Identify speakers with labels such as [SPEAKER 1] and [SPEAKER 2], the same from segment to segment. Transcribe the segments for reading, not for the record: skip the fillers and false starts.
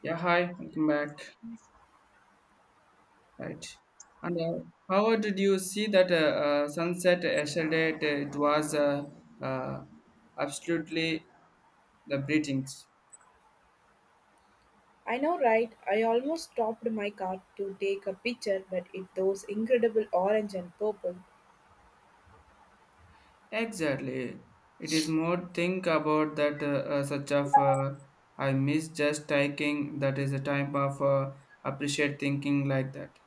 [SPEAKER 1] Yeah, hi, welcome back. Right. And how did you see that sunset yesterday? It was uh, absolutely the breathings.
[SPEAKER 2] I know, right? I almost stopped my car to take a picture, but it those incredible orange and purple.
[SPEAKER 1] Exactly. It is more think about that such of I miss just taking that is a time of appreciate thinking like that.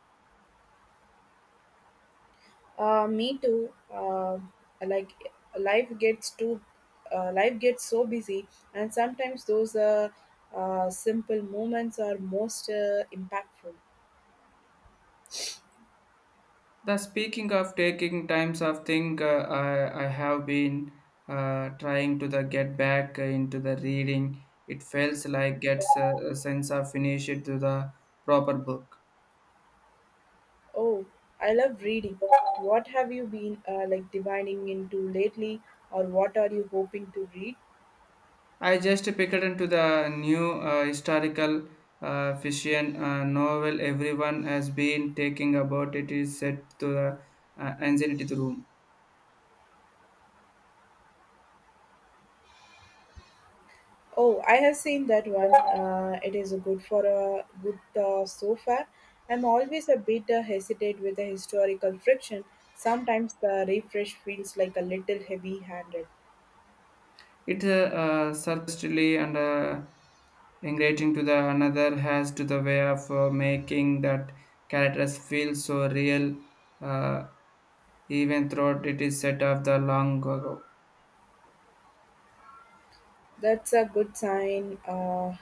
[SPEAKER 2] Me too. Like life gets too, life gets so busy, and sometimes those simple moments are most impactful.
[SPEAKER 1] The speaking of taking times of thing, I have been trying to the get back into the reading. It feels like gets a sense of finish it to the proper book.
[SPEAKER 2] Oh, I love reading. What have you been like divining into lately, or what are you hoping to read?
[SPEAKER 1] I just picked into the new historical fiction novel. Everyone has been taking about it is set to the anxiety room.
[SPEAKER 2] Oh, I have seen that one. It is good for a good so far. I'm always a bit hesitate with the historical friction. Sometimes the refresh feels like a little heavy-handed.
[SPEAKER 1] It's surprisingly and engaging to the another has to the way of making that characters feel so real, uh, even though it is set of the long ago.
[SPEAKER 2] That's a good sign.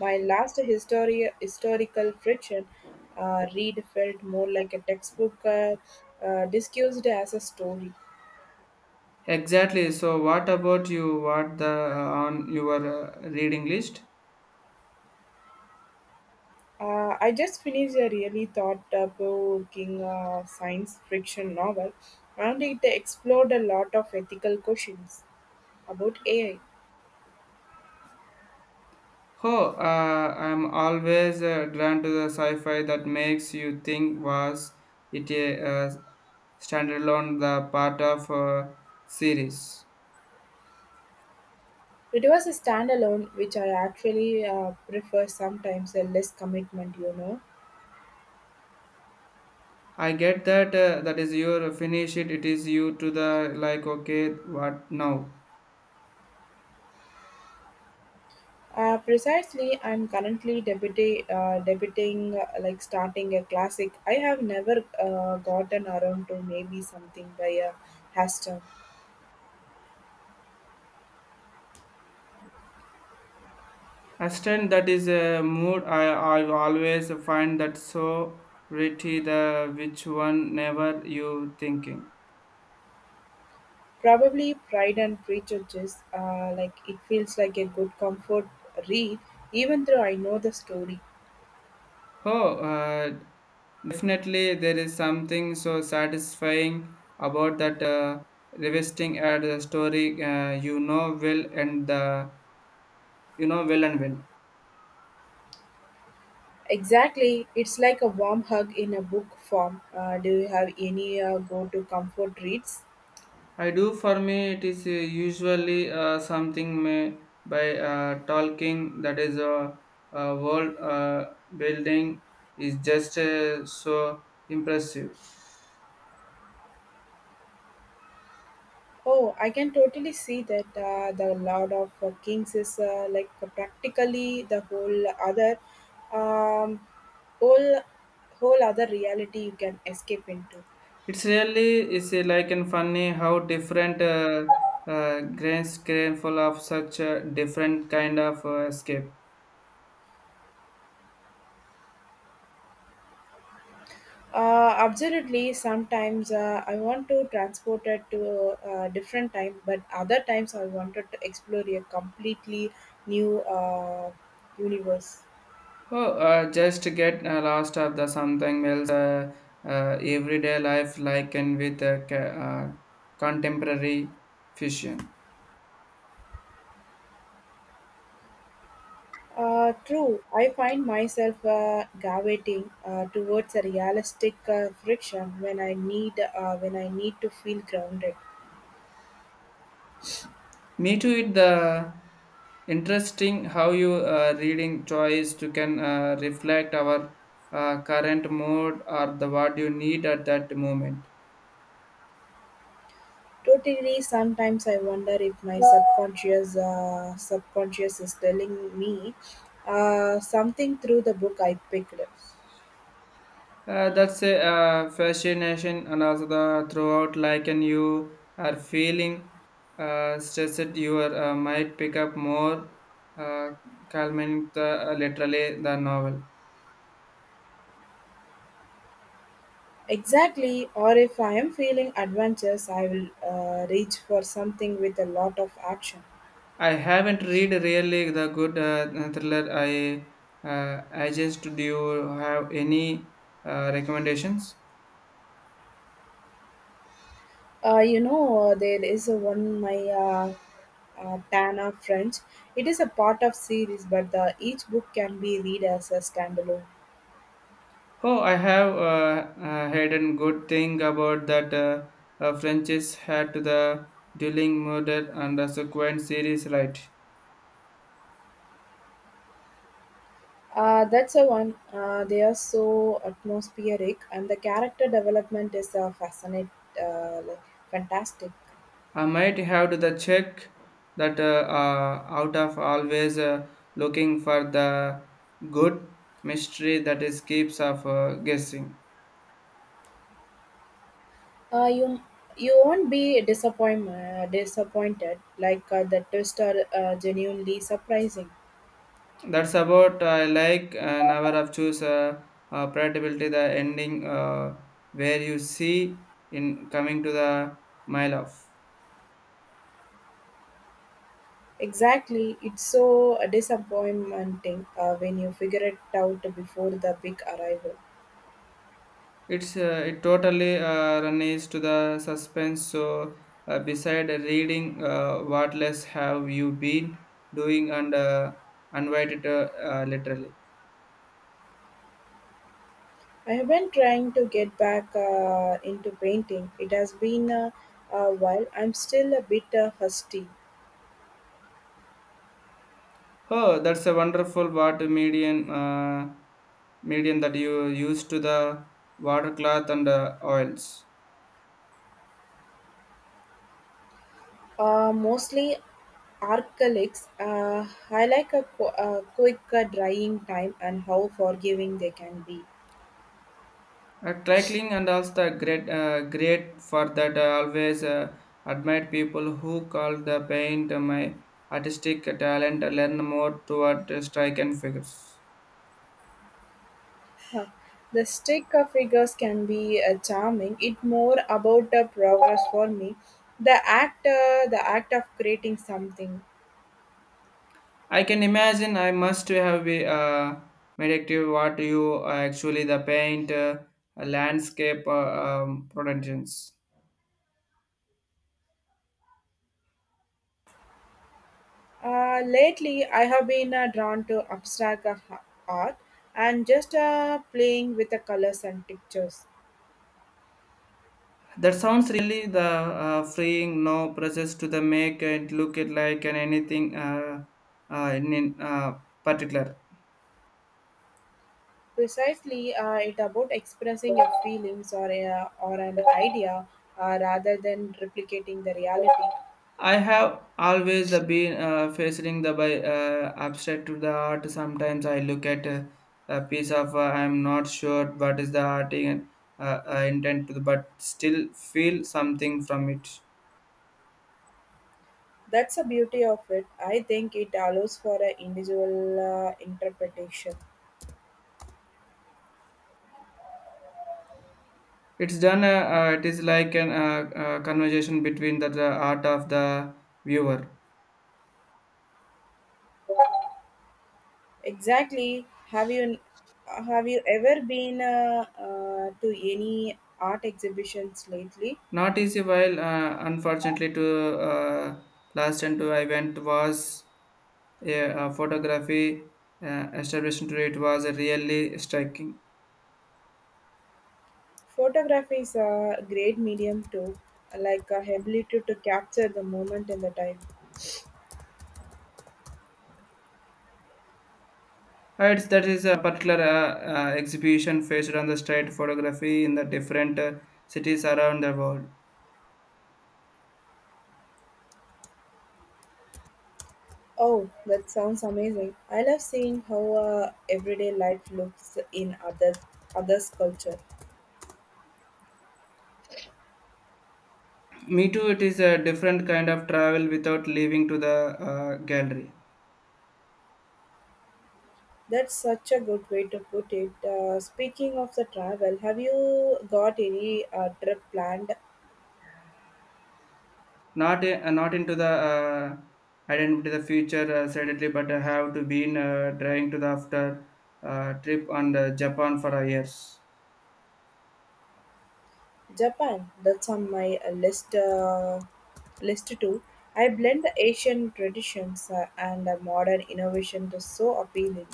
[SPEAKER 2] My historical friction read felt more like a textbook discussed as a story.
[SPEAKER 1] Exactly. So, what about you? What the on your reading list?
[SPEAKER 2] I just finished a really thought-provoking science fiction novel, and it explored a lot of ethical questions about AI.
[SPEAKER 1] Oh, I'm always drawn to the sci-fi that makes you think. Was it a standalone the part of a series?
[SPEAKER 2] It was a standalone, which I actually prefer sometimes a less commitment, you know.
[SPEAKER 1] I get that that is your finish it it is you to the like okay what now
[SPEAKER 2] Precisely, I'm currently debuting, like starting a classic. I have never gotten around to maybe something by a Hastert.
[SPEAKER 1] extent that is a mood I always find that so pretty the which one never you thinking.
[SPEAKER 2] Probably Pride and Prejudice, like it feels like a good comfort read, even though I know the story.
[SPEAKER 1] Oh, definitely there is something so satisfying about that revisiting at the story you know well and the you know well and well.
[SPEAKER 2] Exactly, it's like a warm hug in a book form. Do you have any go-to comfort reads?
[SPEAKER 1] I do for me it is usually something may by talking that is a world building is just so impressive.
[SPEAKER 2] Oh, I can totally see that the Lord of Kings is like practically the um, whole, whole other reality you can escape into.
[SPEAKER 1] It's really is like and funny how different grains full of such different kind of escape.
[SPEAKER 2] Absolutely. Sometimes I want to transport it to a different time, but other times I wanted to explore a completely new universe.
[SPEAKER 1] Oh, just to get lost of the something else. Everyday life like and with contemporary fusion.
[SPEAKER 2] True, I find myself gravitating towards a realistic friction when I need to feel grounded.
[SPEAKER 1] Me too. It the interesting how you reading choice to can reflect our current mood or the what you need at that moment.
[SPEAKER 2] Totally, sometimes I wonder if my subconscious is telling me something through the book I picked.
[SPEAKER 1] That's a fascination and also the throughout like and you are feeling stressed you are, might pick up more uh, calming the literally the novel.
[SPEAKER 2] Exactly, or if I am feeling adventurous, I will reach for something with a lot of action.
[SPEAKER 1] I haven't read really the good thriller. I just do you have any recommendations?
[SPEAKER 2] You know, there is a one my Tana French. It is a part of series, but each book can be read as a standalone.
[SPEAKER 1] Oh, I have heard a good thing about that French's had to the dueling murder and the subsequent series, right?
[SPEAKER 2] That's the one. They are so atmospheric, and the character development is fascinating, uh, like, fantastic.
[SPEAKER 1] I might have to the check that out of always looking for the good mystery that is keeps of guessing.
[SPEAKER 2] Uh, you you won't be disappointed, the twists are genuinely surprising.
[SPEAKER 1] That's about I like an hour of choose predictability the ending where you see in coming to the mile off.
[SPEAKER 2] Exactly, it's so disappointing when you figure it out before the big arrival.
[SPEAKER 1] It's it totally runs to the suspense. So beside reading, what less have you been doing and invited literally.
[SPEAKER 2] I have been trying to get back into painting. It has been a while. I'm still a bit rusty.
[SPEAKER 1] Oh, that's a wonderful water medium medium that you use to the water cloth and oils.
[SPEAKER 2] Mostly acrylics. I like a quick drying time and how forgiving they can be.
[SPEAKER 1] Trickling and also the great, great for that. I always admired people who call the paint my artistic talent, learn more toward strike and figures.
[SPEAKER 2] Huh. The stick of figures can be charming. It more about the progress for me, the act of creating something.
[SPEAKER 1] I can imagine I must have be meditative what you actually the paint landscape productions.
[SPEAKER 2] Lately, I have been drawn to abstract art and just playing with the colors and pictures.
[SPEAKER 1] That sounds really the freeing, no process to the make and look it like and anything in particular.
[SPEAKER 2] Precisely, it about expressing your feelings or an idea rather than replicating the reality.
[SPEAKER 1] I have always the been facing the by abstract to the art. Sometimes I look at a piece of I'm not sure what is the art in, intent to the, but still feel something from it.
[SPEAKER 2] That's the beauty of it. I think it allows for an individual interpretation.
[SPEAKER 1] It's done. It is like an conversation between the art of the viewer.
[SPEAKER 2] Exactly. Have you ever been to any art exhibitions lately?
[SPEAKER 1] Not easy while unfortunately to last and to I went was a, photography establishment to it was really striking.
[SPEAKER 2] Photography is a great medium too, like a ability to capture the moment and the time.
[SPEAKER 1] Right, that is a particular exhibition faced on the street photography in the different cities around the world.
[SPEAKER 2] Oh, that sounds amazing! I love seeing how everyday life looks in other others' culture.
[SPEAKER 1] Me too, it is a different kind of travel without leaving to the gallery.
[SPEAKER 2] That's such a good way to put it. Speaking of the travel, have you got any trip planned.
[SPEAKER 1] Not not into the identity the future suddenly but I have to been trying to the after trip on the japan for years.
[SPEAKER 2] Japan, that's on my list too. I blend the Asian traditions and modern innovation to so appealing.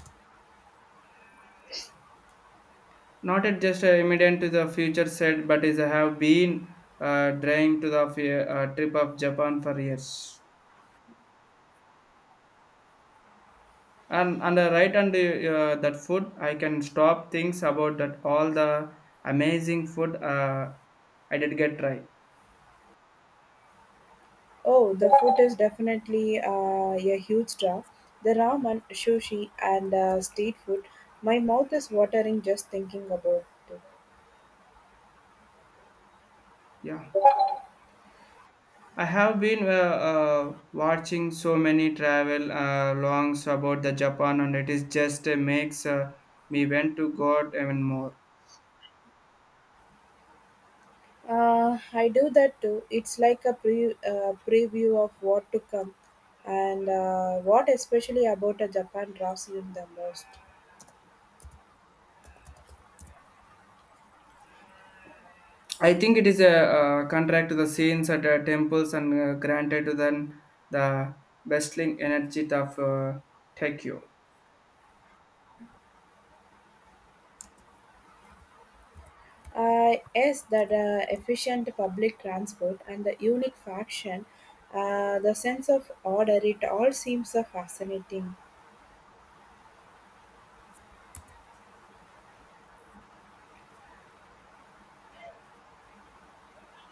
[SPEAKER 1] Not it just immediate to the future said but is I have been trying to the trip of japan for years and on the right and the, that food I can stop things about that all the amazing food I did get try.
[SPEAKER 2] Oh, the food is definitely a huge draw. The ramen, sushi, and street food. My mouth is watering just thinking about it.
[SPEAKER 1] Yeah, I have been watching so many travel longs about the Japan, and it is just makes me want to go out even more.
[SPEAKER 2] I do that too. It's like a preview of what to come, and what especially about a Japan draws you the most.
[SPEAKER 1] I think it is a contract to the scenes at temples and granted to them the bustling energy of Tokyo.
[SPEAKER 2] Yes, that efficient public transport and the unique faction, the sense of order, it all seems so fascinating.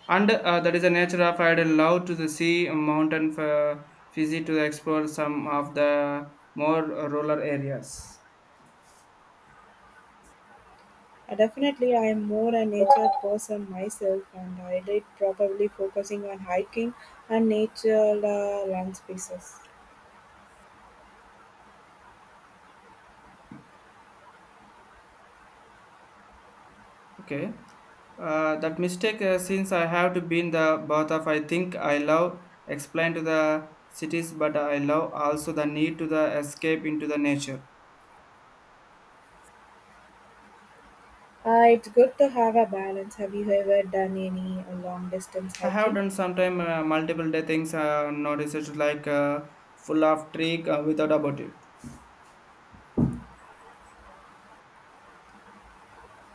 [SPEAKER 1] And that is the nature of I would love to the sea, mountain, for, visit to explore some of the more rural areas.
[SPEAKER 2] Definitely, I am more a nature person myself, and I did probably focusing on hiking and natural landscapes.
[SPEAKER 1] Okay. That mistake, since I have to be in the birth of, I think I love explain to the cities, but I love also the need to the escape into the nature.
[SPEAKER 2] It's good to have a balance. Have you ever done any long distance
[SPEAKER 1] I have
[SPEAKER 2] hiking?
[SPEAKER 1] done sometime multiple day things, noticed like full of trick without about it.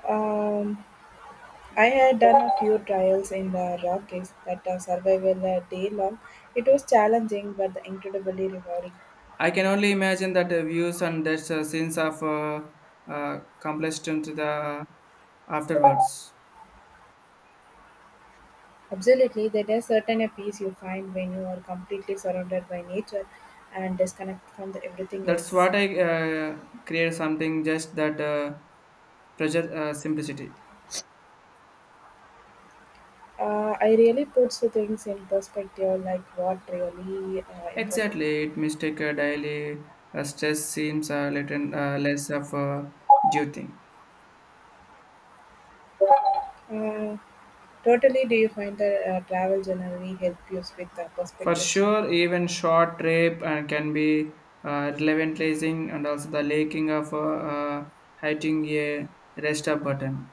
[SPEAKER 2] Um, I had done a few trials in the Rockies that are survival a day long. It was challenging but incredibly rewarding.
[SPEAKER 1] I can only imagine that views and that sense of completion to the afterwards.
[SPEAKER 2] Absolutely, there is certain a peace you find when you are completely surrounded by nature and disconnect from the everything
[SPEAKER 1] That's
[SPEAKER 2] else.
[SPEAKER 1] what I create something just that pressure simplicity.
[SPEAKER 2] I really puts the things in perspective, like what really important.
[SPEAKER 1] Exactly, it mistake a daily stress seems a little less of a due thing.
[SPEAKER 2] Uh, Totally, do you find the travel generally help you with the
[SPEAKER 1] For
[SPEAKER 2] perspective shift?
[SPEAKER 1] sure, even short trip can be relevantilizing and also the lacking of hitting a rest up button.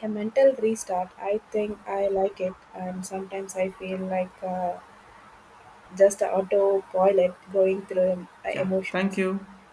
[SPEAKER 2] A mental restart. I think I like it, and sometimes I feel like just autopilot going through
[SPEAKER 1] Yeah, thank
[SPEAKER 2] emotions.
[SPEAKER 1] you.